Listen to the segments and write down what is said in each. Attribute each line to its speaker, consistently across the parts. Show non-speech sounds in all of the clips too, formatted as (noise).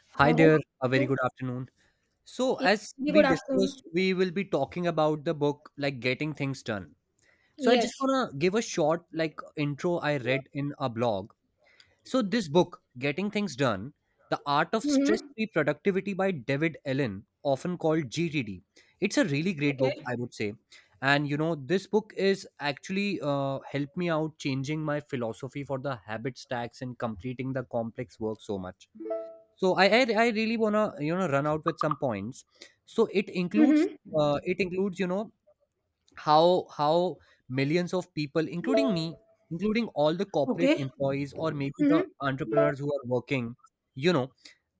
Speaker 1: Hi
Speaker 2: Hello,
Speaker 1: there, a very
Speaker 2: you.
Speaker 1: good afternoon. So,
Speaker 2: Yeah,
Speaker 1: as
Speaker 2: very
Speaker 1: we
Speaker 2: good
Speaker 1: discussed,
Speaker 2: afternoon.
Speaker 1: we will be talking about the book like Getting Things Done. So, I
Speaker 2: Yes.
Speaker 1: just want to give a short like intro I read in a blog. So, this book, Getting Things Done, The Art of Stress
Speaker 2: Mm-hmm.
Speaker 1: Free Productivity by David Allen, often called GTD. It's a really great book,
Speaker 2: Okay.
Speaker 1: I would say. And you know, this book is actually helped me out changing my philosophy for the habit stacks and completing the complex work so much so I really want to you know run out with some points. So
Speaker 2: Mm-hmm.
Speaker 1: it includes you know how millions of people, including me, including all the corporate
Speaker 2: Okay.
Speaker 1: employees or maybe the
Speaker 2: Mm-hmm.
Speaker 1: entrepreneurs who are working, you know,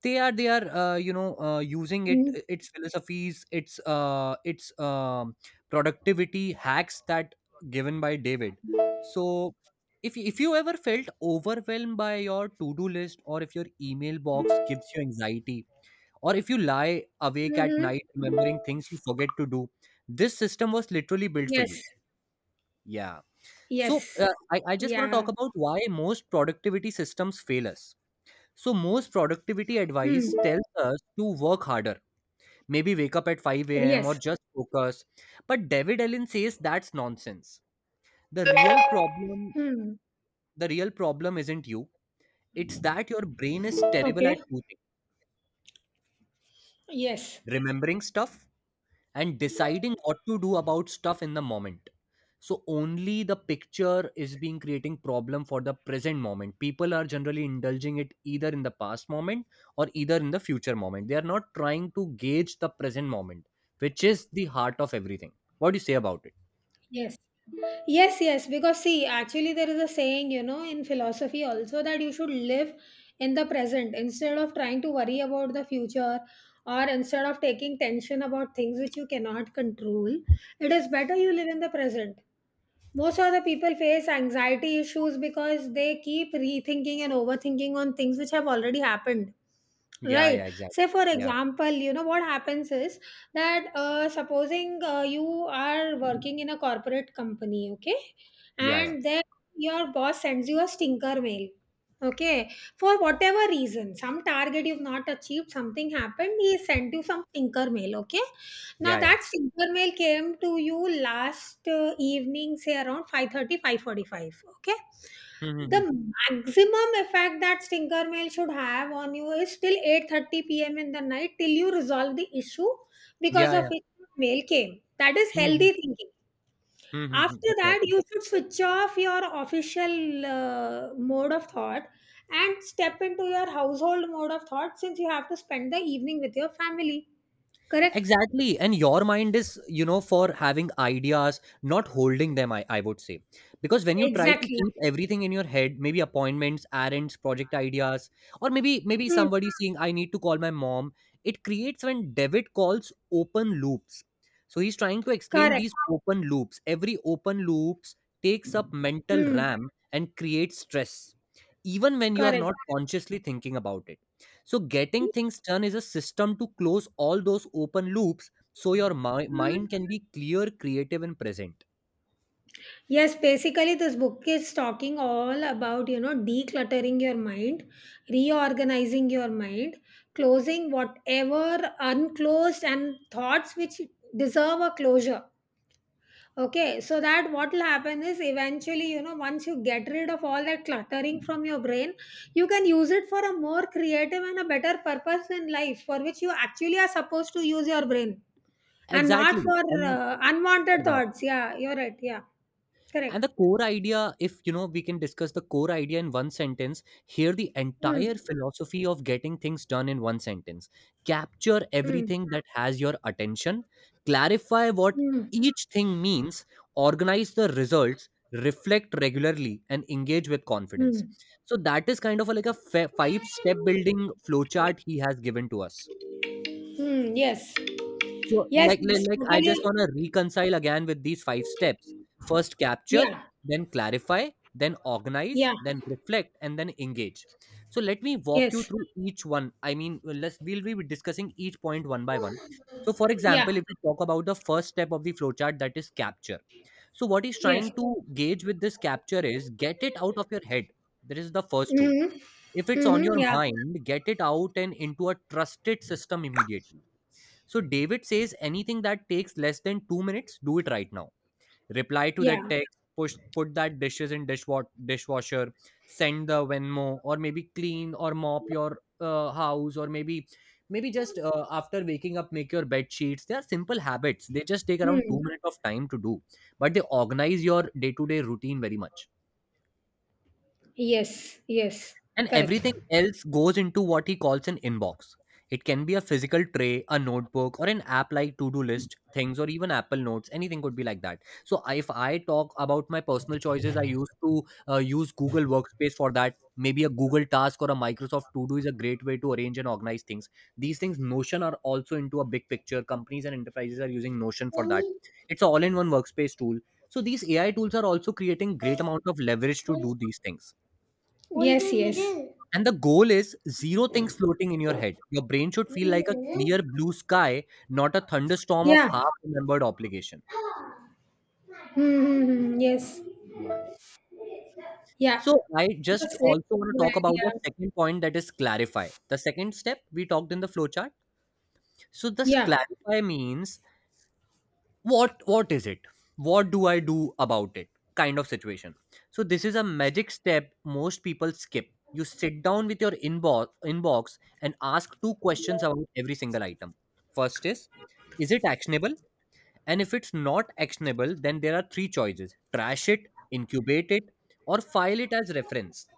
Speaker 1: they are you know using it,
Speaker 2: Mm-hmm.
Speaker 1: its philosophies, its productivity hacks that given by David. So if you ever felt overwhelmed by your to do list, or if your email box gives you anxiety, or if you lie awake at night
Speaker 2: Mm-hmm.
Speaker 1: remembering things you forget to do, this system was literally built for you.
Speaker 2: Yes.
Speaker 1: Yeah. So
Speaker 2: Yes.
Speaker 1: I just want to talk
Speaker 2: Yeah.
Speaker 1: about why most productivity systems fail us. So most productivity
Speaker 2: Hmm.
Speaker 1: advice tells us to work harder, maybe wake up at 5 a.m or
Speaker 2: Yes.
Speaker 1: just focus. But David Allen says that's nonsense. the real problem
Speaker 2: Hmm.
Speaker 1: the real problem isn't you. It's that your brain is terrible at
Speaker 2: Okay.
Speaker 1: two
Speaker 2: Yes.
Speaker 1: things: remembering stuff, and deciding what to do about stuff in the moment. So only the picture is being creating problem for the present moment. People are generally indulging it either in the past moment or either in the future moment. They are not trying to gauge the present moment, which is the heart of everything. What do you say about it?
Speaker 2: Yes. Yes, yes, because see, actually, there is a saying, in philosophy also, that you should live in the present instead of trying to worry about the future, or instead of taking tension about things which you cannot control. It is better you live in the present. Most of the people face anxiety issues because they keep rethinking and overthinking on things which have already happened.
Speaker 1: Yeah, yeah,
Speaker 2: Right.
Speaker 1: exactly.
Speaker 2: Say, for
Speaker 1: Yeah,
Speaker 2: example, what happens is that supposing you are working in a corporate company, okay,
Speaker 1: yeah, yeah,
Speaker 2: and then your boss sends you a stinker mail, okay, for whatever reason, some target you've not achieved, something happened, he sent you some stinker mail, okay, now
Speaker 1: yeah, yeah.
Speaker 2: that silver mail came to you last evening, say around 5:30, 5:45. Okay?
Speaker 1: Mhm,
Speaker 2: The
Speaker 1: mhm.
Speaker 2: maximum effect that stinger mail should have on you is till 8:30 p.m. in the night, till you resolve the issue because
Speaker 1: Yeah,
Speaker 2: of
Speaker 1: yeah.
Speaker 2: which mail came. That is
Speaker 1: Mhm, mhm.
Speaker 2: healthy thinking.
Speaker 1: Mhm, mhm.
Speaker 2: After that,
Speaker 1: Exactly.
Speaker 2: you should switch off your official mode of thought and step into your household mode of thought, since you have to spend the evening with your family. Correct?
Speaker 1: Exactly. And your mind is, you know, for having ideas, not holding them, I would say. Because when you try to keep
Speaker 2: Exactly.
Speaker 1: everything in your head, maybe appointments, errands, project ideas, or maybe somebody saying, I need to call my mom, it creates when David calls open loops. So he's trying to explain
Speaker 2: Correct.
Speaker 1: these open loops. Every open loops takes up mental
Speaker 2: Mm.
Speaker 1: RAM and creates stress, even when you are
Speaker 2: Correct.
Speaker 1: not consciously thinking about it. So, getting things done is a system to close all those open loops so your
Speaker 2: Mhm.
Speaker 1: mind can be clear, creative, and present.
Speaker 2: Yes, basically, this book is talking all about, decluttering your mind, reorganizing your mind, closing whatever unclosed and thoughts which deserve a closure. Okay, so that what will happen is eventually, once you get rid of all that cluttering from your brain, you can use it for a more creative and a better purpose in life, for which you actually are supposed to use your brain. And not
Speaker 1: Exactly.
Speaker 2: for
Speaker 1: And
Speaker 2: unwanted thoughts. Yeah, you're right. Yeah,
Speaker 1: and
Speaker 2: correct.
Speaker 1: the core idea, if you know, we can discuss the core idea in one sentence. Here the
Speaker 2: Mm,
Speaker 1: entire philosophy of getting things done in one sentence: capture
Speaker 2: mm,
Speaker 1: everything that has your attention, clarify what
Speaker 2: mm,
Speaker 1: each thing means, organize the results, reflect regularly, and engage with confidence.
Speaker 2: mm.
Speaker 1: So that is kind of a, like a five step building flowchart he has given to us.
Speaker 2: Mm, yes.
Speaker 1: So,
Speaker 2: Yes, yes.
Speaker 1: I just
Speaker 2: Totally.
Speaker 1: want to reconcile again with these five steps. First, capture,
Speaker 2: Yeah.
Speaker 1: then clarify, then organize,
Speaker 2: Yeah.
Speaker 1: then reflect, and then engage. So, let me walk you
Speaker 2: Yes.
Speaker 1: through each one. I mean, let's we'll be discussing each point one by one. So, for
Speaker 2: Yeah.
Speaker 1: example, if we talk about the first step of the flowchart, that is capture. So, what he's
Speaker 2: Yes.
Speaker 1: trying to gauge with this capture is get it out of your head. That is the first rule.
Speaker 2: Mm-hmm.
Speaker 1: If it's on your
Speaker 2: Mm-hmm. Yeah.
Speaker 1: mind, get it out and into a trusted system immediately. So David says anything that takes less than 2 minutes, do it right now. Reply to that
Speaker 2: Yeah.
Speaker 1: text, push put that dishes in dishwasher, send the Venmo, or maybe clean or mop your house, or maybe just after waking up make your bed sheets. They are simple habits. They just take around 2
Speaker 2: Mm.
Speaker 1: minutes of time to do, but they organize your day-to-day routine very much.
Speaker 2: Yes. Yes.
Speaker 1: And
Speaker 2: Correct.
Speaker 1: everything else goes into what he calls an inbox. It can be a physical tray, a notebook, or an app like to do list things, or even Apple Notes. Anything could be like that. So, if I talk about my personal choices, I used to use Google Workspace for that. Maybe a Google Task or a Microsoft To Do is a great way to arrange and organize things. These things, Notion, are also into a big picture. Companies and enterprises are using Notion for that. It's an all in one workspace tool. So, these AI tools are also creating great amount of leverage to do these things.
Speaker 2: What yes, did you yes. do?
Speaker 1: And the goal is zero things floating in your head. Your brain should feel like a clear blue sky, not a thunderstorm of
Speaker 2: Yeah.
Speaker 1: half remembered obligation.
Speaker 2: Mm-hmm. Yes.
Speaker 1: Yeah, yeah.
Speaker 2: Yeah.
Speaker 1: So I just
Speaker 2: Yes. Right.
Speaker 1: also want to talk about the
Speaker 2: Yeah.
Speaker 1: second point that is clarify, the second step we talked in the flowchart. So this
Speaker 2: Yeah.
Speaker 1: clarify means, what is it, what do I do about it, kind of situation. So this is a magic step most people skip. You sit down with your inbox and ask two questions about every single item. First is it actionable? And if it's not actionable, then there are three choices: trash it, incubate it, or file it as reference.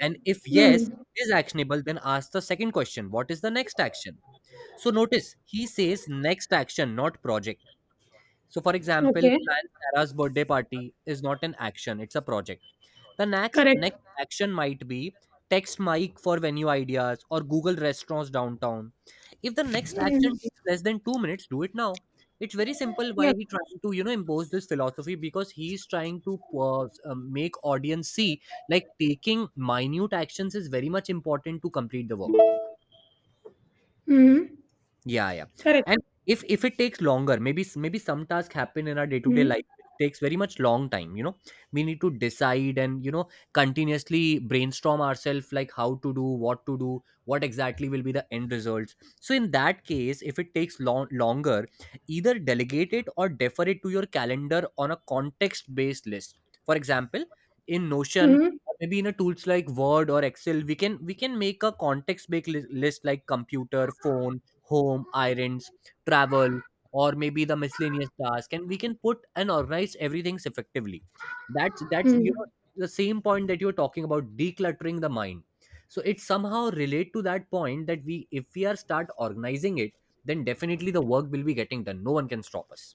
Speaker 1: And if yes,
Speaker 2: Mm.
Speaker 1: it is actionable, then ask the second question: what is the next action? So notice he says next action, not project. So, for example,
Speaker 2: Okay.
Speaker 1: plan Sarah's birthday party is not an action, it's a project. The
Speaker 2: Correct.
Speaker 1: next action might be text Mike for venue ideas or Google restaurants downtown. If the next action
Speaker 2: Mm.
Speaker 1: takes less than 2 minutes, do it now. It's very simple why
Speaker 2: Yeah.
Speaker 1: he trying to you know impose this philosophy, because he's trying to make audience see like taking minute actions is very much important to complete the work.
Speaker 2: Mm.
Speaker 1: Yeah, yeah.
Speaker 2: Correct.
Speaker 1: And if it takes longer, maybe maybe some tasks happen in our day-to-day life,
Speaker 2: Mm.
Speaker 1: it takes very much long time, you know. We need to decide and, you know, continuously brainstorm ourselves like how to do, what exactly will be the end results. So in that case, if it takes longer, either delegate it or defer it to your calendar on a context-based list. For example, in Notion
Speaker 2: Mm.
Speaker 1: or maybe in a tools like Word or Excel, we can make a context-based list like computer, phone, home, irons, travel, or maybe the miscellaneous task, and we can put and organize everything effectively. That's you
Speaker 2: Mm.
Speaker 1: know the same point that you're talking about decluttering the mind. So it somehow relate to that point that, we if we are start organizing it, then definitely the work will be getting done. No one can stop us.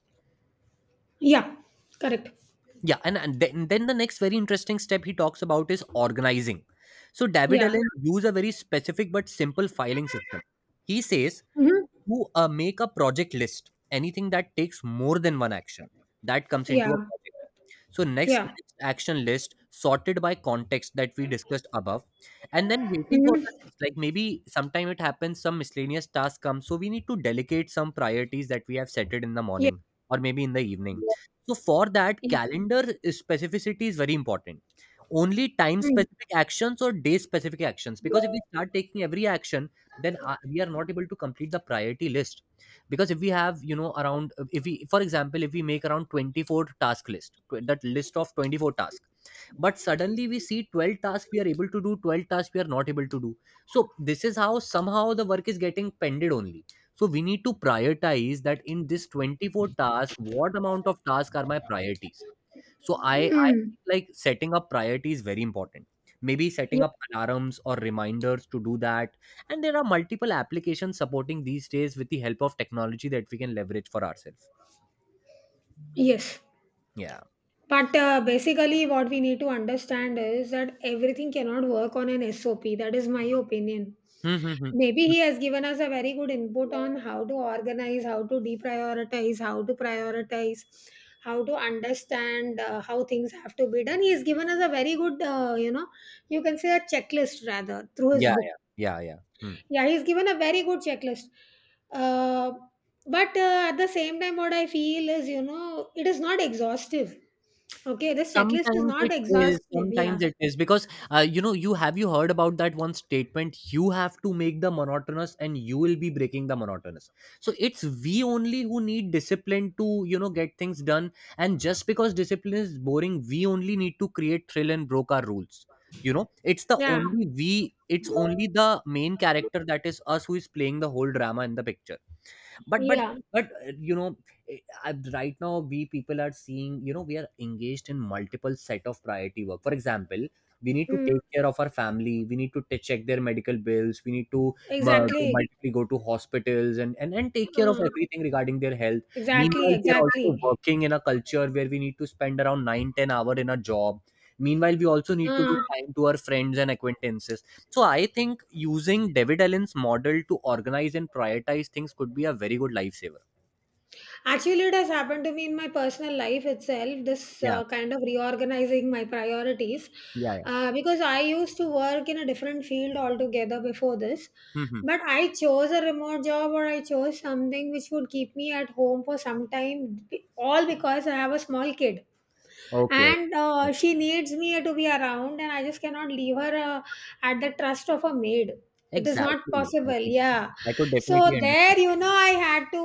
Speaker 2: Yeah. Correct.
Speaker 1: Yeah, and then the next very interesting step he talks about is organizing. So David
Speaker 2: Yeah.
Speaker 1: Allen used a very specific but simple filing system. He says
Speaker 2: Mm.
Speaker 1: to make a project list. Anything that takes more than one action, that comes into a
Speaker 2: Yeah.
Speaker 1: project. So
Speaker 2: Yeah.
Speaker 1: next action list sorted by context that we discussed above, and then waiting for the
Speaker 2: Mm.
Speaker 1: list. Like maybe sometime it happens, some miscellaneous task comes, so we need to delegate some priorities that we have set it in the
Speaker 2: Yeah.
Speaker 1: morning or maybe in the evening. So for that,
Speaker 2: Yeah.
Speaker 1: calendar specificity is very important. Only time
Speaker 2: Mm.
Speaker 1: specific actions or day specific actions, because if we start taking every action, then we are not able to complete the priority list. Because if we have you know around, if we for example if we make around 24 task list that list of 24 tasks, but suddenly we see 12 tasks we are able to do, 12 tasks we are not able to do. So this is how somehow the work is getting pended only. So we need to prioritize that in this 24 task what amount of tasks are my priorities. So I
Speaker 2: Mm.
Speaker 1: think like setting up priority is very important. Maybe setting
Speaker 2: Yeah.
Speaker 1: up alarms or reminders to do that. And there are multiple applications supporting these days with the help of technology that we can leverage for ourselves.
Speaker 2: Yes.
Speaker 1: Yeah.
Speaker 2: But basically, what we need to understand is that everything cannot work on an SOP. That is my opinion.
Speaker 1: Hmm, hmm, hmm.
Speaker 2: Maybe
Speaker 1: Hmm.
Speaker 2: he has given us a very good input on how to organize, how to deprioritize, how to prioritize, how to understand how things have to be done. He has given us a very good, you can say, a checklist rather, through his
Speaker 1: Yeah,
Speaker 2: book.
Speaker 1: yeah, yeah, yeah. Hmm.
Speaker 2: Yeah, he's given a very good checklist. Uh, but at the same time, what I feel is, it is not exhaustive. Okay, this checklist is
Speaker 1: Sometimes
Speaker 2: not
Speaker 1: it is,
Speaker 2: exhaustive.
Speaker 1: sometimes
Speaker 2: Yeah,
Speaker 1: it is, because you know you have, you heard about that one statement, you have to make the monotonous and you will be breaking the monotonous. So it's we only who need discipline to you know get things done. And just because discipline is boring, we only need to create thrill and broke our rules. You know it's the
Speaker 2: yeah,
Speaker 1: only we it's only the main character that is us who is playing the whole drama in the picture. But but
Speaker 2: yeah.
Speaker 1: but you know eh, I, Right now we people are seeing, we are engaged in multiple set of priority work. For example, we need to
Speaker 2: Mm,
Speaker 1: take care of our family, we need to check their medical bills, we need to uh,
Speaker 2: exactly.
Speaker 1: multiply go to hospitals and take care of
Speaker 2: Uh,
Speaker 1: everything regarding their health.
Speaker 2: exactly,
Speaker 1: Meanwhile we are also
Speaker 2: exactly.
Speaker 1: working in a culture where we need to spend around 9-10 hour in a job. Meanwhile we also need to be
Speaker 2: Uh,
Speaker 1: kind to our friends and acquaintances. So I think using David Allen's model to organize and prioritize things could be a very good lifesaver.
Speaker 2: Actually, it has happened to me in my personal life itself, this
Speaker 1: Yeah,
Speaker 2: kind of reorganizing my priorities.
Speaker 1: yeah, yeah.
Speaker 2: Because I used to work in a different field altogether before this,
Speaker 1: Hmm.
Speaker 2: but I chose a remote job, or I chose something which would keep me at home for some time, all because I have a small kid,
Speaker 1: Okay,
Speaker 2: and
Speaker 1: okay, okay.
Speaker 2: she needs me to be around, and I just cannot leave her at the trust of a maid. It is not
Speaker 1: Exactly. I
Speaker 2: possible.
Speaker 1: could,
Speaker 2: Yeah.
Speaker 1: I could
Speaker 2: So
Speaker 1: definitely understand.
Speaker 2: there, I had to,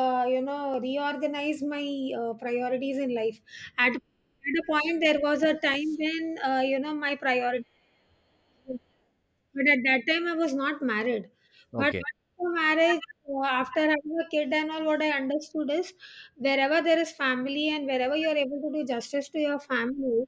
Speaker 2: reorganize my priorities in life. At at a point, there was a time when, my priorities. But at that time, I was not married. But
Speaker 1: Okay.
Speaker 2: after marriage, after having a kid and all, what I understood is, wherever there is family and wherever you are able to do justice to your family,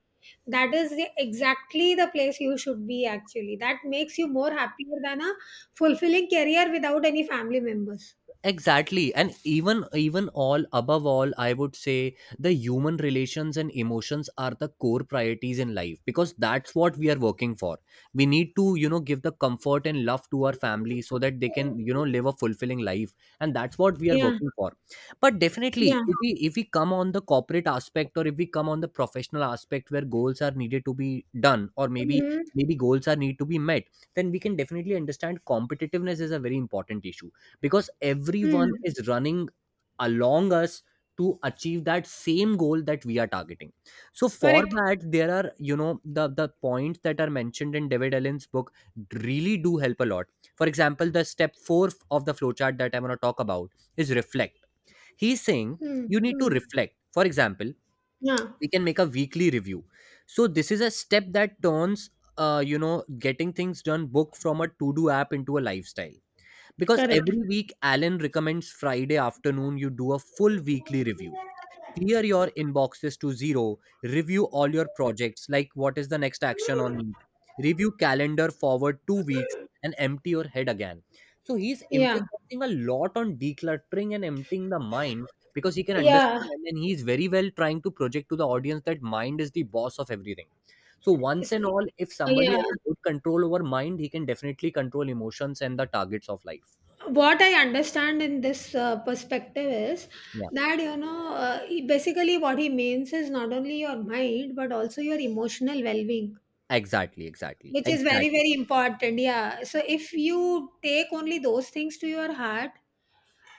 Speaker 2: that is the, exactly the place you should be actually. That makes you more happier than a fulfilling career without any family members.
Speaker 1: Exactly, and even all above all I would say the human relations and emotions are the core priorities in life because that's what we are working for. We need to, give the comfort and love to our family so that they can, live a fulfilling life, and that's what we are
Speaker 2: Yeah,
Speaker 1: working for. But definitely
Speaker 2: yeah.
Speaker 1: if we come on the corporate aspect, or if we come on the professional aspect where goals are needed to be done, or maybe
Speaker 2: Mm-hmm.
Speaker 1: maybe goals are need to be met, then we can definitely understand competitiveness is a very important issue because everyone
Speaker 2: Mm.
Speaker 1: is running along us to achieve that same goal that we are targeting. So for
Speaker 2: Correct.
Speaker 1: that, there are, you know, the points that are mentioned in David Allen's book really do help a lot. For example, the step 4 of the flowchart that I'm going to talk about is reflect. He's saying
Speaker 2: Mm.
Speaker 1: you need to
Speaker 2: Mm.
Speaker 1: reflect. For example,
Speaker 2: Yeah,
Speaker 1: we can make a weekly review. So this is a step that turns, uh, you know getting things done book from a to do app into a lifestyle, because
Speaker 2: correct.
Speaker 1: every week, Alan recommends Friday afternoon you do a full weekly review. Clear your inboxes to zero. Review all your projects, like what is the next action on each. Review calendar forward 2 weeks and empty your head again. So he's
Speaker 2: Yeah,
Speaker 1: emphasizing a lot on decluttering and emptying the mind because he can understand,
Speaker 2: yeah.
Speaker 1: and then he's very well trying to project to the audience that mind is the boss of everything. So once
Speaker 2: It's-
Speaker 1: and all, if somebody
Speaker 2: yeah.
Speaker 1: has a good control over mind, he can definitely control emotions and the targets of life.
Speaker 2: What I understand in this perspective is
Speaker 1: Yeah,
Speaker 2: that, basically, what he means is not only your mind but also your emotional well-being,
Speaker 1: exactly, exactly,
Speaker 2: which is very
Speaker 1: exactly.
Speaker 2: very important. Yeah, so if you take only those things to your heart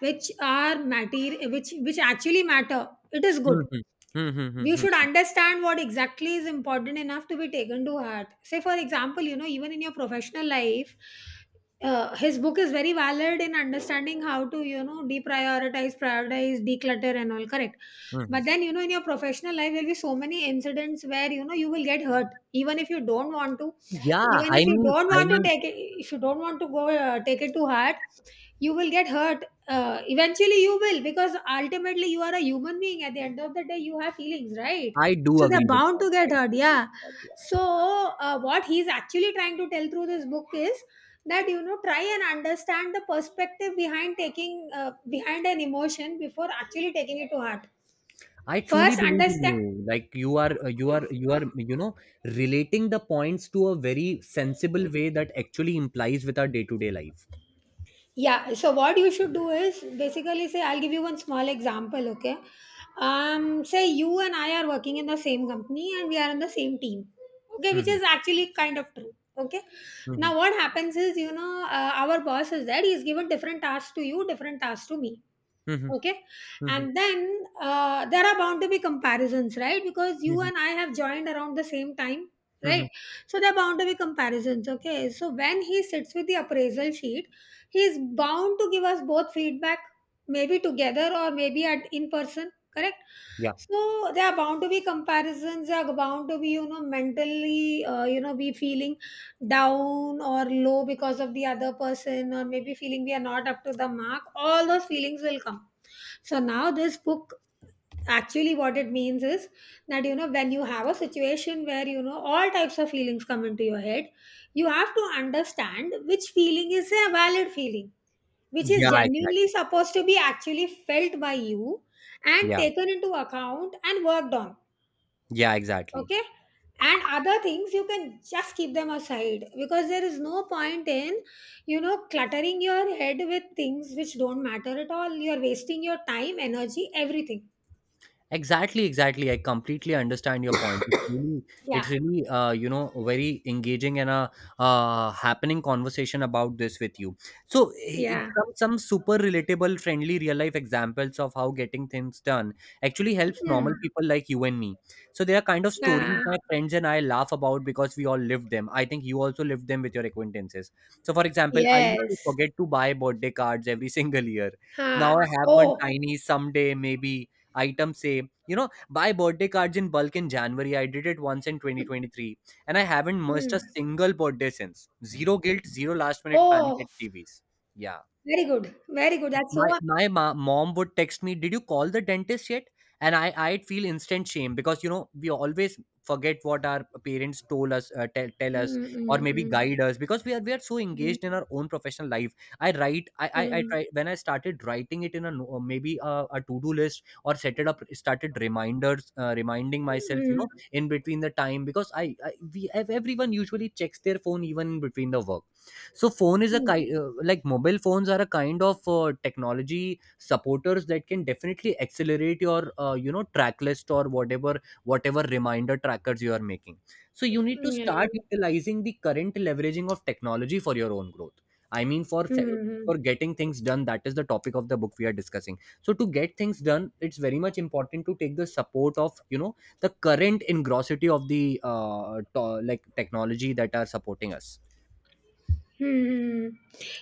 Speaker 2: which are matter, which actually matter, it is good.
Speaker 1: Mhm. Hmm, hmm, hmm,
Speaker 2: You should
Speaker 1: hmm,
Speaker 2: understand what exactly is important enough to be taken to heart. Say, for example, even in your professional life, his book is very valid in understanding how to, deprioritize, prioritize, declutter and all, correct.
Speaker 1: hmm.
Speaker 2: But then, in your professional life, there'll be so many incidents where, you will get hurt, even if you don't want to,
Speaker 1: Yeah,
Speaker 2: even
Speaker 1: I
Speaker 2: if you
Speaker 1: mean,
Speaker 2: don't
Speaker 1: I
Speaker 2: want to
Speaker 1: mean,
Speaker 2: take it, if you don't want to go, take it to heart, you will get hurt. Eventually you will, because ultimately you are a human being. At the end of the day, you have feelings, right?
Speaker 1: I do
Speaker 2: So
Speaker 1: agree
Speaker 2: they're
Speaker 1: with
Speaker 2: bound
Speaker 1: that.
Speaker 2: to
Speaker 1: I
Speaker 2: get hurt.
Speaker 1: do agree with
Speaker 2: Yeah.
Speaker 1: that. Yeah.
Speaker 2: So, what he's actually trying to tell through this book is that, try and understand the perspective behind taking behind an emotion before actually taking it to heart.
Speaker 1: I truly
Speaker 2: First
Speaker 1: believe in
Speaker 2: understand.
Speaker 1: you. Like you are, relating the points to a very sensible way that actually implies with our day-to-day life.
Speaker 2: Yeah, so what you should do is basically, say, I'll give you one small example, okay? Say you and I are working in the same company and we are on the same team, okay? Which
Speaker 1: Mhm,
Speaker 2: is actually kind of true, okay?
Speaker 1: mhm,
Speaker 2: Now, what happens is, our boss is there, he's given different tasks to you, different tasks to me,
Speaker 1: mhm,
Speaker 2: okay?
Speaker 1: mhm,
Speaker 2: And then, there are bound to be comparisons, right? Because you
Speaker 1: mhm,
Speaker 2: and I have joined around the same time,
Speaker 1: mhm.
Speaker 2: right? So there are bound to be comparisons, okay? So when he sits with the appraisal sheet, he is bound to give us both feedback, maybe together or maybe at in person, correct?
Speaker 1: Yeah.
Speaker 2: So there are bound to be comparisons, there are bound to be, mentally, be feeling down or low because of the other person, or maybe feeling we are not up to the mark. All those feelings will come. So now, this book, actually what it means is that, when you have a situation where, all types of feelings come into your head, you have to understand which feeling is a valid feeling, which
Speaker 1: Yeah,
Speaker 2: is genuinely
Speaker 1: exactly.
Speaker 2: supposed to be actually felt by you and
Speaker 1: Yeah.
Speaker 2: taken into account and worked on,
Speaker 1: Yeah, exactly.
Speaker 2: okay? And other things, you can just keep them aside, because there is no point in, cluttering your head with things which don't matter at all. You're wasting your time, energy, everything.
Speaker 1: Exactly, exactly. I completely understand your point. It's really,
Speaker 2: Yeah,
Speaker 1: very engaging, and a happening conversation about this with you. So, it's
Speaker 2: yeah.
Speaker 1: some super relatable, friendly, real life examples of how getting things done actually helps normal
Speaker 2: Hmm.
Speaker 1: people like you and me. So, they are kind of stories
Speaker 2: Yeah.
Speaker 1: my friends and I laugh about because we all lived them. I think you also lived them with your acquaintances. So, for example, I used to
Speaker 2: Yes.
Speaker 1: forget to buy birthday cards every (laughs) single year. Now
Speaker 2: Huh.
Speaker 1: I have one
Speaker 2: Oh.
Speaker 1: tiny someday maybe items, say, buy birthday cards in bulk in January. I did it once in 2023, and I haven't missed a
Speaker 2: Hmm.
Speaker 1: single birthday since. Zero guilt, zero last minute panic at
Speaker 2: Oh,
Speaker 1: CVS. Yeah.
Speaker 2: very good, very good, that's so.
Speaker 1: My mom would text me, "Did you call the dentist yet?" And I'd feel instant shame, because we always forget what our parents told us, tell us,
Speaker 2: Mm,
Speaker 1: or maybe
Speaker 2: mm,
Speaker 1: guide us, because we are so
Speaker 2: mm,
Speaker 1: engaged in our own professional life. I write I
Speaker 2: mm,
Speaker 1: I, I
Speaker 2: mm,
Speaker 1: try. When I started writing it in a no- maybe a to do list, or set it up, started reminders, reminding myself, in between the time, because everyone usually checks their phone even in between the work. So phone is a
Speaker 2: mm,
Speaker 1: kind like mobile phones are a kind of technology supporters that can definitely accelerate your, track list or whatever reminder trackers you are making. So you need to
Speaker 2: mm, yeah.
Speaker 1: start utilizing the current leveraging of technology for your own growth. I mean,
Speaker 2: Mm.
Speaker 1: for getting things done. That is the topic of the book we are discussing. So to get things done, it's very much important to take the support of, you know, the current engrossity of the, like technology that are supporting us.
Speaker 2: Hmm.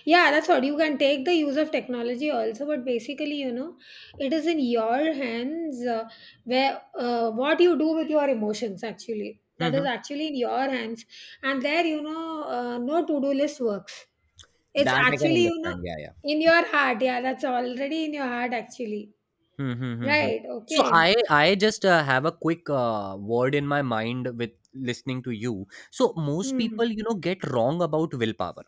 Speaker 2: Yeah, that's what, you can take the use of technology also, but basically, it is in your hands. Where, what you do with your emotions actually, that is actually in your hands. And there, no to do list works. It's
Speaker 1: That I can
Speaker 2: actually,
Speaker 1: understand. Yeah, yeah.
Speaker 2: in your heart. Yeah, that's already in your heart actually.
Speaker 1: Hmm, hmm, hmm, hmm.
Speaker 2: Right.
Speaker 1: So
Speaker 2: Okay.
Speaker 1: I just have a quick word in my mind with listening to you. So most people,
Speaker 2: Hmm.
Speaker 1: you know, get wrong about willpower.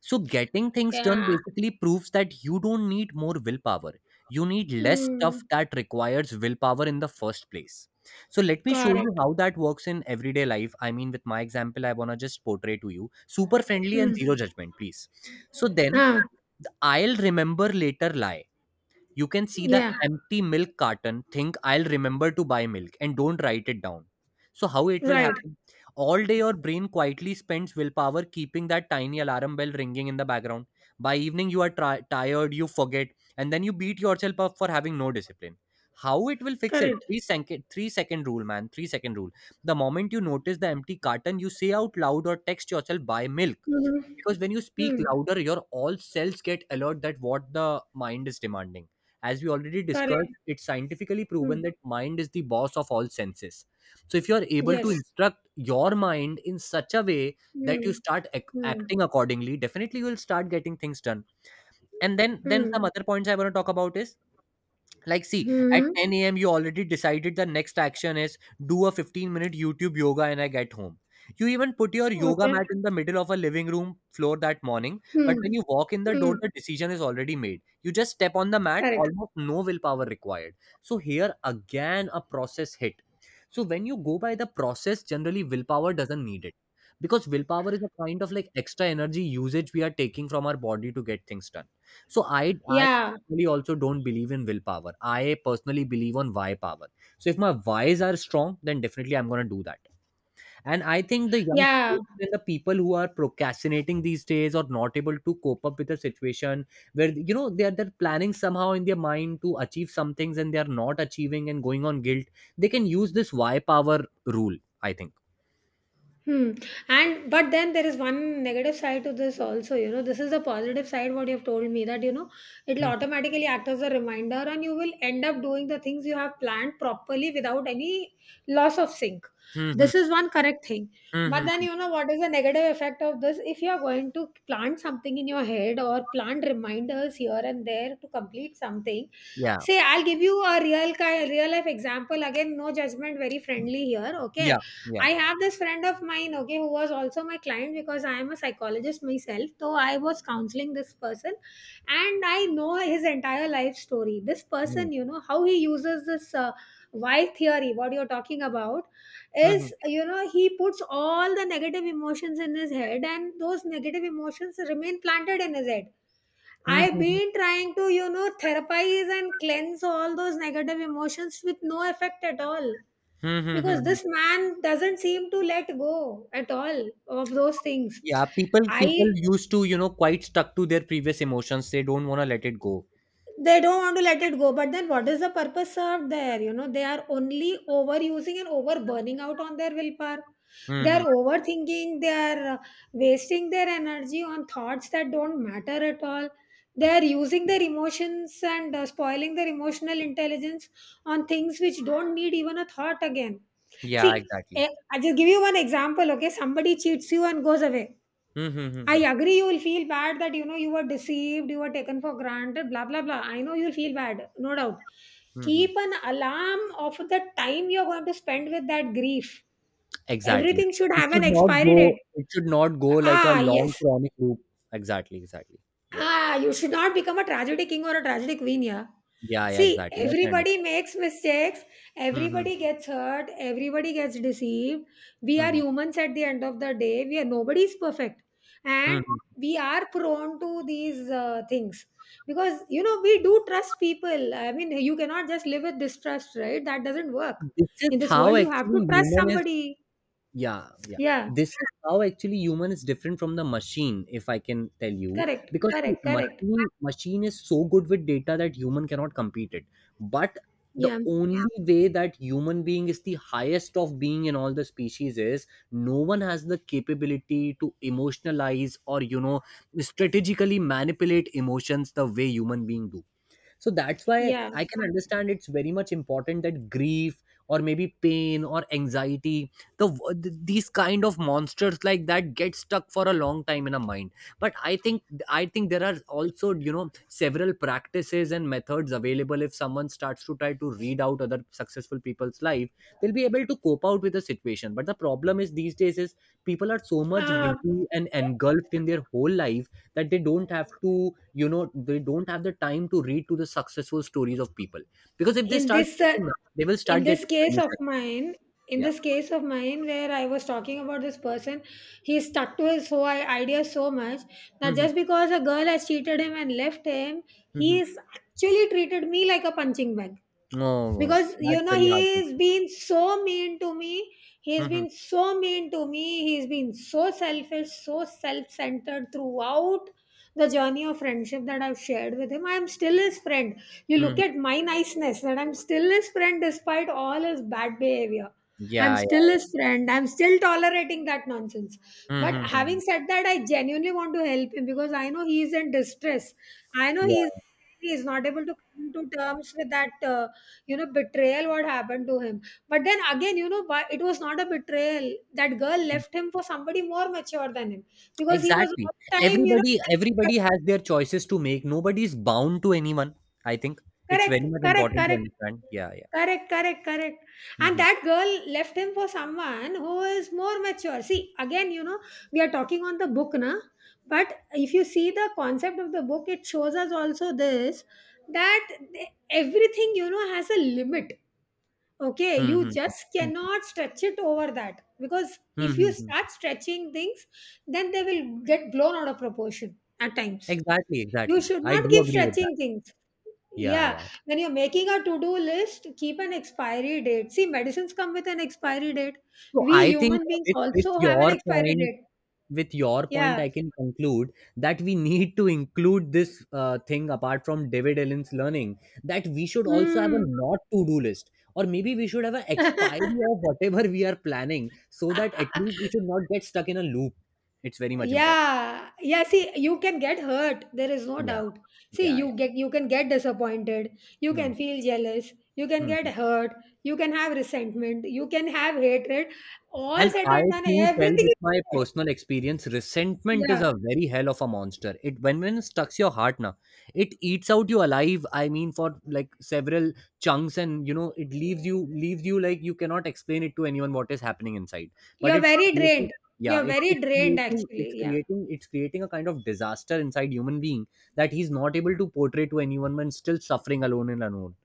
Speaker 1: So getting things done
Speaker 2: Yeah.
Speaker 1: basically proves that you don't need more willpower. You need less stuff
Speaker 2: Hmm.
Speaker 1: that requires willpower in the first place. So let me show you
Speaker 2: Correct.
Speaker 1: how that works in everyday life. I mean, with my example I want to just portray to you super friendly and
Speaker 2: Hmm.
Speaker 1: zero judgment, please. So then
Speaker 2: Ah.
Speaker 1: I'll remember later lie. You can see the
Speaker 2: Yeah.
Speaker 1: empty milk carton, think I'll remember to buy milk, and don't write it down. So how it will
Speaker 2: Right.
Speaker 1: happen? All day your brain quietly spends willpower keeping that tiny alarm bell ringing in the background. By evening you are tired, you forget, and then you beat yourself up for having no discipline. How it will fix it?
Speaker 2: Correct.
Speaker 1: 3-second, 3-second rule, man. 3-second rule. The moment you notice the empty carton, you say out loud or text yourself, buy milk,
Speaker 2: Mm-hmm.
Speaker 1: because when you speak
Speaker 2: Mm,
Speaker 1: louder your all cells get alert that what the mind is demanding. As we already
Speaker 2: correct.
Speaker 1: discussed, it's scientifically proven
Speaker 2: Mm,
Speaker 1: that mind is the boss of all senses. So if you are able to
Speaker 2: yes.
Speaker 1: instruct your mind in such a way that you
Speaker 2: Mm,
Speaker 1: start
Speaker 2: mm,
Speaker 1: acting accordingly, definitely you will start getting things done. And then some
Speaker 2: mm,
Speaker 1: other points I want to talk about is, like, see, at
Speaker 2: mhm.
Speaker 1: 10 a.m., you already decided the next action is do a 15-minute YouTube yoga and I get home. You even put your yoga
Speaker 2: Okay.
Speaker 1: mat in the middle of a living room floor that morning, but when
Speaker 2: Mm,
Speaker 1: you walk in the door,
Speaker 2: mm,
Speaker 1: the decision is already made. You just step on the mat,
Speaker 2: correct.
Speaker 1: almost no willpower required. So, here again, a process hit. So, when you go by the process, generally willpower doesn't need it, because willpower is a kind of like extra energy usage we are taking from our body to get things done. So I
Speaker 2: Yeah.
Speaker 1: personally also don't believe in willpower. I personally believe on why power. So if my whys are strong, then definitely I'm gonna do that. And I think the young
Speaker 2: Yeah.
Speaker 1: people and the people who are procrastinating these days or not able to cope up with the situation where, you know, they're planning somehow in their mind to achieve some things and they're not achieving and going on guilt, they can use this why power rule, I think.
Speaker 2: Hmm. And but then, there is one negative side to this also. You know, this is the positive side, what you've told me, that, it'll
Speaker 1: Mhm.
Speaker 2: automatically act as a reminder, and you will end up doing the things you have planned properly without any loss of sync.
Speaker 1: Mhm.
Speaker 2: This is one correct thing. But then,
Speaker 1: Mhm.
Speaker 2: you know, what is the negative effect of this? If you are going to plant something in your head, or plant reminders here and there to complete something,
Speaker 1: Yeah.
Speaker 2: say, I'll give you a real life example again. No judgment, very
Speaker 1: Hmm.
Speaker 2: friendly here.
Speaker 1: Yeah.
Speaker 2: Okay,
Speaker 1: Yeah.
Speaker 2: I have this friend of mine, okay, who was also my client, because I am a psychologist myself. So I was counseling this person, and I know his entire life story. This
Speaker 1: Mhm.
Speaker 2: person, how he uses this why theory, what you're talking about,
Speaker 1: Mhm.
Speaker 2: is, he puts all the negative emotions in his head, and those negative emotions remain planted in his head. I've
Speaker 1: Mhm.
Speaker 2: been trying to, therapize and cleanse all those negative emotions with no effect at all
Speaker 1: Mhm.
Speaker 2: because
Speaker 1: Mhm.
Speaker 2: this man doesn't seem to let go at all of those things.
Speaker 1: Yeah, people
Speaker 2: I
Speaker 1: used to, you know, quite stuck to their previous emotions. They don't want to let it go.
Speaker 2: They don't want to let it go, but then what is the purpose served there? You know, they are only overusing and over burning out on their willpower. They
Speaker 1: Hmm.
Speaker 2: are overthinking, they are wasting their energy on thoughts that don't matter at all. They are using their emotions and spoiling their emotional intelligence on things which don't need even a thought again.
Speaker 1: Yeah,
Speaker 2: See,
Speaker 1: exactly.
Speaker 2: I'll just give you one example. Okay, somebody cheats you and goes away. I
Speaker 1: Mm-hmm.
Speaker 2: agree, you will feel bad that, you know, you were deceived, you were taken for granted, blah blah blah. I know you'll feel bad, no doubt.
Speaker 1: Hmm.
Speaker 2: Keep an alarm of the time you're going to spend with that grief.
Speaker 1: Exactly.
Speaker 2: Everything should
Speaker 1: It
Speaker 2: have an
Speaker 1: should not
Speaker 2: expiry
Speaker 1: go.
Speaker 2: date.
Speaker 1: It should not go like a
Speaker 2: Ah,
Speaker 1: long
Speaker 2: yes.
Speaker 1: chronic loop. Exactly. Exactly. Yeah.
Speaker 2: Ah, you should not become a tragedy king or a tragedy queen, yeah.
Speaker 1: Yeah. Yeah.
Speaker 2: See,
Speaker 1: Exactly. I can understand.
Speaker 2: everybody makes mistakes,
Speaker 1: Hmm,
Speaker 2: everybody gets hurt, everybody gets deceived. We are
Speaker 1: hmm,
Speaker 2: humans at the end of the day. We are nobody is perfect, and
Speaker 1: hmm.
Speaker 2: we are prone to these things because, you know, we do trust people. I mean, you cannot just live with distrust, right? That doesn't work
Speaker 1: This is
Speaker 2: in this
Speaker 1: how
Speaker 2: world. You have to
Speaker 1: actually
Speaker 2: trust
Speaker 1: human is.
Speaker 2: somebody.
Speaker 1: Yeah, yeah.
Speaker 2: Yeah,
Speaker 1: This is how actually human is different from the machine, if I can tell you.
Speaker 2: correct,
Speaker 1: Because see,
Speaker 2: correct, correct.
Speaker 1: machine is so good with data that human cannot compete it. But the
Speaker 2: Yeah,
Speaker 1: only way that human being is the highest of being in all the species is, no one has the capability to emotionalize or, you know, strategically manipulate emotions the way human being do. So that's why
Speaker 2: yeah.
Speaker 1: I can understand, it's very much important that grief or maybe pain or anxiety, the these kind of monsters like that get stuck for a long time in a mind. But I think there are also, you know, several practices and methods available. If someone starts to try to read out other successful people's life, they'll be able to cope out with the situation. But the problem is these days is, people are so much
Speaker 2: Uh,
Speaker 1: busy and engulfed in their whole life that they don't have to, you know, they don't have the time to read to the successful stories of people, because if they
Speaker 2: in
Speaker 1: start
Speaker 2: this uh,
Speaker 1: reading that, they will
Speaker 2: in
Speaker 1: start
Speaker 2: this
Speaker 1: getting
Speaker 2: case of
Speaker 1: solutions.
Speaker 2: mine,
Speaker 1: Yeah.
Speaker 2: where I was talking about this person, he stuck to his whole idea so much that
Speaker 1: Mm-hmm.
Speaker 2: just because a girl has cheated him and left him,
Speaker 1: Mm-hmm.
Speaker 2: he's actually treated me like a punching bag.
Speaker 1: Oh, oh,
Speaker 2: Because, you
Speaker 1: that's
Speaker 2: know,
Speaker 1: very hard.
Speaker 2: he's been so mean to me,
Speaker 1: Mm-hmm.
Speaker 2: he's been so selfish, so self-centered throughout the journey of friendship that I've shared with him. I'm still his friend. You look
Speaker 1: Mm-hmm.
Speaker 2: at my niceness, that I'm still his friend despite all his bad behavior. I'm
Speaker 1: Yeah, yeah,
Speaker 2: still
Speaker 1: yeah.
Speaker 2: his friend, I'm still tolerating that nonsense. But
Speaker 1: Mm-hmm.
Speaker 2: having said that, I genuinely want to help him because I know he's in distress. I know he's
Speaker 1: Yeah.
Speaker 2: He is not able to come to terms with that you know, betrayal, what happened to him. But then again, you know, why, it was not a betrayal. That girl
Speaker 1: Mm.
Speaker 2: left him for somebody more mature than him, because he was
Speaker 1: Exactly,
Speaker 2: all the time, you know,
Speaker 1: everybody has their choices to make. Nobody is bound to anyone. I think it's
Speaker 2: correct,
Speaker 1: very much
Speaker 2: correct,
Speaker 1: important to
Speaker 2: correct,
Speaker 1: understand. Yeah, yeah.
Speaker 2: correct, correct, correct. And
Speaker 1: Mm-hmm.
Speaker 2: that girl left him for someone who is more mature. See, again, you know, we are talking on the book na, but if you see the concept of the book, it shows us also this, that everything, you know, has a limit. Okay, you
Speaker 1: Mm-hmm.
Speaker 2: just cannot stretch it over that, because if you
Speaker 1: Mm-hmm.
Speaker 2: start stretching things, then they will get blown out of proportion at times.
Speaker 1: Exactly,
Speaker 2: You
Speaker 1: exactly.
Speaker 2: should
Speaker 1: I
Speaker 2: not
Speaker 1: do
Speaker 2: keep
Speaker 1: agree with that.
Speaker 2: stretching things,
Speaker 1: Yeah,
Speaker 2: yeah.
Speaker 1: yeah.
Speaker 2: When you're making a to-do list, keep an expiry date. See, medicines come with an expiry date,
Speaker 1: So
Speaker 2: we
Speaker 1: I think
Speaker 2: human beings
Speaker 1: with
Speaker 2: also have an
Speaker 1: your
Speaker 2: expiry
Speaker 1: point,
Speaker 2: date, yeah.
Speaker 1: I can conclude that we need to include this thing apart from David Allen's learning, that we should also have a
Speaker 2: Mm.
Speaker 1: not to do list, or maybe we should have an expiry
Speaker 2: (laughs)
Speaker 1: of whatever we are planning, so that at least we should not get stuck in a loop. It's very much important.
Speaker 2: Yeah, yeah. See, you can get hurt, there is no
Speaker 1: Yeah,
Speaker 2: doubt. See
Speaker 1: yeah, yeah.
Speaker 2: you get You can get disappointed, you
Speaker 1: Hmm,
Speaker 2: can feel jealous, you can
Speaker 1: hmm.
Speaker 2: get hurt, you can have resentment, you can have hatred. All
Speaker 1: And
Speaker 2: said
Speaker 1: I
Speaker 2: and done,
Speaker 1: too tell
Speaker 2: everything
Speaker 1: with
Speaker 2: is
Speaker 1: my
Speaker 2: said.
Speaker 1: personal experience, resentment is
Speaker 2: Yeah,
Speaker 1: a very hell of a monster. It, when it stucks your heart now, it eats out you alive. I mean, for like several chunks, and it leaves you like you cannot explain it to anyone what is happening inside. But
Speaker 2: you're
Speaker 1: it's
Speaker 2: very
Speaker 1: creating,
Speaker 2: drained,
Speaker 1: yeah,
Speaker 2: you're
Speaker 1: it,
Speaker 2: very
Speaker 1: it's
Speaker 2: drained
Speaker 1: creating
Speaker 2: actually,
Speaker 1: it's
Speaker 2: yeah.
Speaker 1: creating it's creating a kind of disaster inside human being that he's not able to portray to anyone, when still suffering alone and alone.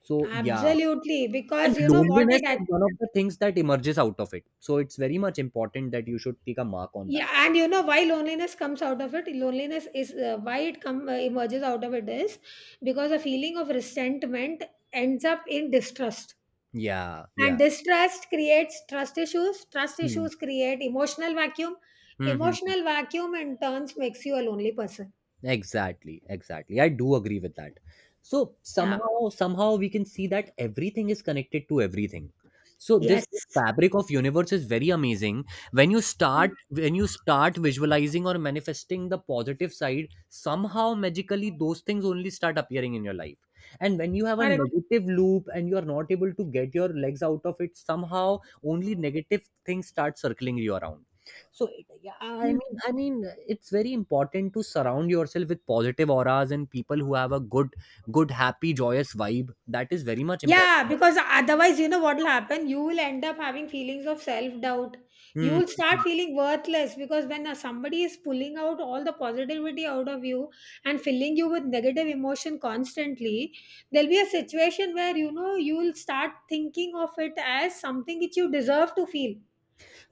Speaker 1: So yeah,
Speaker 2: Absolutely,
Speaker 1: and
Speaker 2: because, you know, what
Speaker 1: loneliness
Speaker 2: it
Speaker 1: is one of the things that emerges out of it, so it's very much important that you should take a mark on that.
Speaker 2: yeah. And you know why loneliness comes out of it. Loneliness is, why it come emerges out of it is because a feeling of resentment ends up in distrust,
Speaker 1: Yeah, yeah.
Speaker 2: and distrust creates trust issues, trust
Speaker 1: Hmm.
Speaker 2: issues create emotional vacuum.
Speaker 1: Mhm.
Speaker 2: Emotional vacuum in turns makes you a lonely person.
Speaker 1: Exactly, exactly. I do agree with that. So
Speaker 2: Yeah,
Speaker 1: somehow, somehow we can see that everything is connected to everything. So this
Speaker 2: yes,
Speaker 1: fabric of universe is very amazing. When you start visualizing or manifesting the positive side, somehow magically those things only start appearing in your life. And when you have a
Speaker 2: correct.
Speaker 1: negative loop and you are not able to get your legs out of it, somehow only negative things start circling you around. So yeah, I mean,
Speaker 2: Hmm.
Speaker 1: I mean, it's very important to surround yourself with positive auras and people who have a good, good, happy, joyous vibe. That is very much
Speaker 2: Yeah,
Speaker 1: important.
Speaker 2: because otherwise, you know what will happen? You will end up having feelings of self doubt. You
Speaker 1: Hmm.
Speaker 2: will start feeling worthless, because when somebody is pulling out all the positivity out of you and filling you with negative emotion constantly, there'll be a situation where, you know, you will start thinking of it as something which you deserve to feel.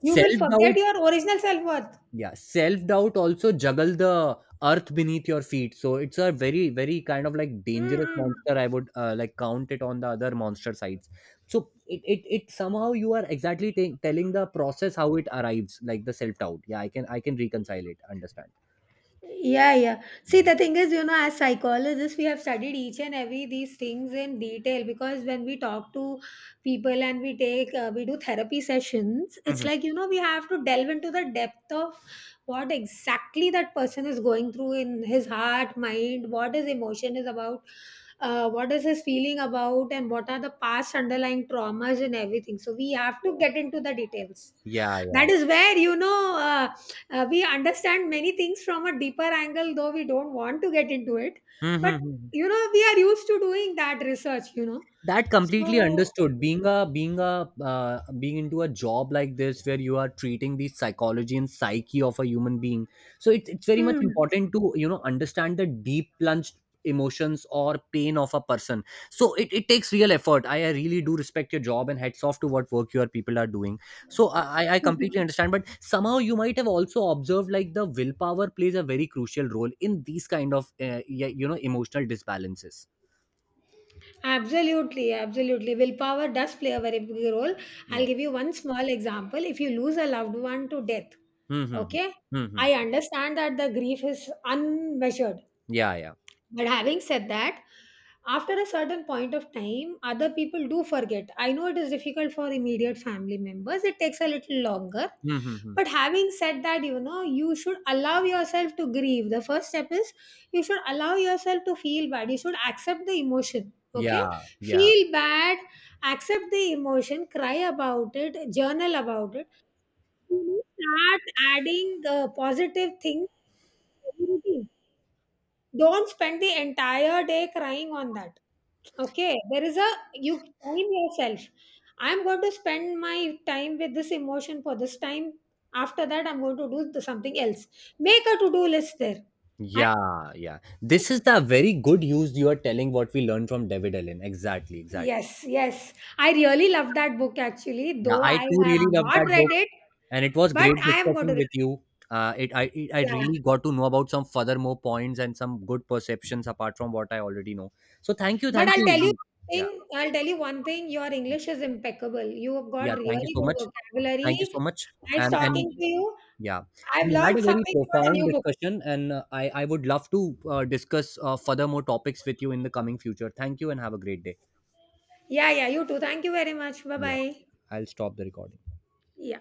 Speaker 2: You will
Speaker 1: Self doubt,
Speaker 2: forget your original self worth.
Speaker 1: yeah, self doubt also juggle the earth beneath your feet. So it's a very, very kind of like dangerous
Speaker 2: Mm-hmm.
Speaker 1: monster. I would like count it on the other monster sides. So it somehow, you are exactly telling the process how it arrives, like the self doubt. Yeah, I can reconcile it. Understand.
Speaker 2: Yeah, yeah. See,
Speaker 1: Mhm.
Speaker 2: the thing is, you know, as psychologists, we have studied each and every these things in detail, because when we talk to people and we take, we do therapy sessions, it's
Speaker 1: Mhm.
Speaker 2: like, you know, we have to delve into the depth of what exactly that person is going through in his heart, mind, what his emotion is about, what is his feeling about, and what are the past underlying traumas and everything. So we have to get into the details.
Speaker 1: Yeah, yeah,
Speaker 2: That
Speaker 1: yeah.
Speaker 2: is where, you know, we understand many things from a deeper angle, though we don't want to get into it,
Speaker 1: Mhm,
Speaker 2: but,
Speaker 1: mhm.
Speaker 2: you know, we are used to doing that research, you know.
Speaker 1: That completely
Speaker 2: So
Speaker 1: understood. Being into a job like this, where you are treating the psychology and psyche of a human being, so it's very much
Speaker 2: mm,
Speaker 1: important to you know understand the deep plunged emotions or pain of a person. So it takes real effort. I really do respect your job, and hats off to what work your people are doing. So I completely understand. But somehow you might have also observed, like the willpower plays a very crucial role in these kind of yeah, you know, emotional disbalances.
Speaker 2: absolutely, absolutely, willpower does play a very big role.
Speaker 1: Yeah.
Speaker 2: I'll give you one small example. If you lose a loved one to death,
Speaker 1: Hmm, hmm, hmm.
Speaker 2: okay,
Speaker 1: Hmm, hmm.
Speaker 2: I understand that the grief is unmeasured.
Speaker 1: Yeah, yeah.
Speaker 2: But having said that, after a certain point of time, other people do forget. I know it is difficult for immediate family members, it takes a little longer.
Speaker 1: Hmm, hmm, hmm.
Speaker 2: But having said that, you know, you should allow yourself to grieve. The first step is you should allow yourself to feel bad, you should accept the emotion. Okay,
Speaker 1: Yeah, yeah,
Speaker 2: feel bad, accept the emotion, cry about it, journal about it. You know, start adding positive things to your routine. Don't spend the entire day crying on that. Okay, there is a you time, yourself. I'm going to spend my time with this emotion for this time. After that, I'm going to do something else. Make a to-do list there. I,
Speaker 1: yeah, yeah. This is the very good use you are telling what we learned from David Allen. Exactly, exactly.
Speaker 2: yes, yes, I really love that book actually,
Speaker 1: Yeah,
Speaker 2: though
Speaker 1: I
Speaker 2: I
Speaker 1: too
Speaker 2: have
Speaker 1: really love
Speaker 2: not
Speaker 1: that book,
Speaker 2: read it,
Speaker 1: and it was
Speaker 2: but
Speaker 1: great
Speaker 2: I am going
Speaker 1: discussing
Speaker 2: to
Speaker 1: with
Speaker 2: read,
Speaker 1: you. I
Speaker 2: yeah.
Speaker 1: really got to know about some further more points and some good perceptions apart from what I already know. So thank you,
Speaker 2: But
Speaker 1: thank
Speaker 2: I'll tell you
Speaker 1: you. Yeah,
Speaker 2: thing, I'll tell you one thing, your English is impeccable. You have
Speaker 1: yeah.
Speaker 2: got
Speaker 1: Thank you
Speaker 2: really
Speaker 1: so
Speaker 2: good
Speaker 1: much.
Speaker 2: vocabulary.
Speaker 1: Thank you so much.
Speaker 2: Nice talking
Speaker 1: And
Speaker 2: to you.
Speaker 1: yeah,
Speaker 2: I've
Speaker 1: we had
Speaker 2: learned
Speaker 1: a very
Speaker 2: something about a
Speaker 1: profound
Speaker 2: new book.
Speaker 1: discussion, and I would love to discuss further more topics with you in the coming future. Thank you and have a great day.
Speaker 2: Yeah, yeah, you too. Thank you very much. Bye
Speaker 1: Yeah,
Speaker 2: bye.
Speaker 1: I'll stop the recording.
Speaker 2: Yeah.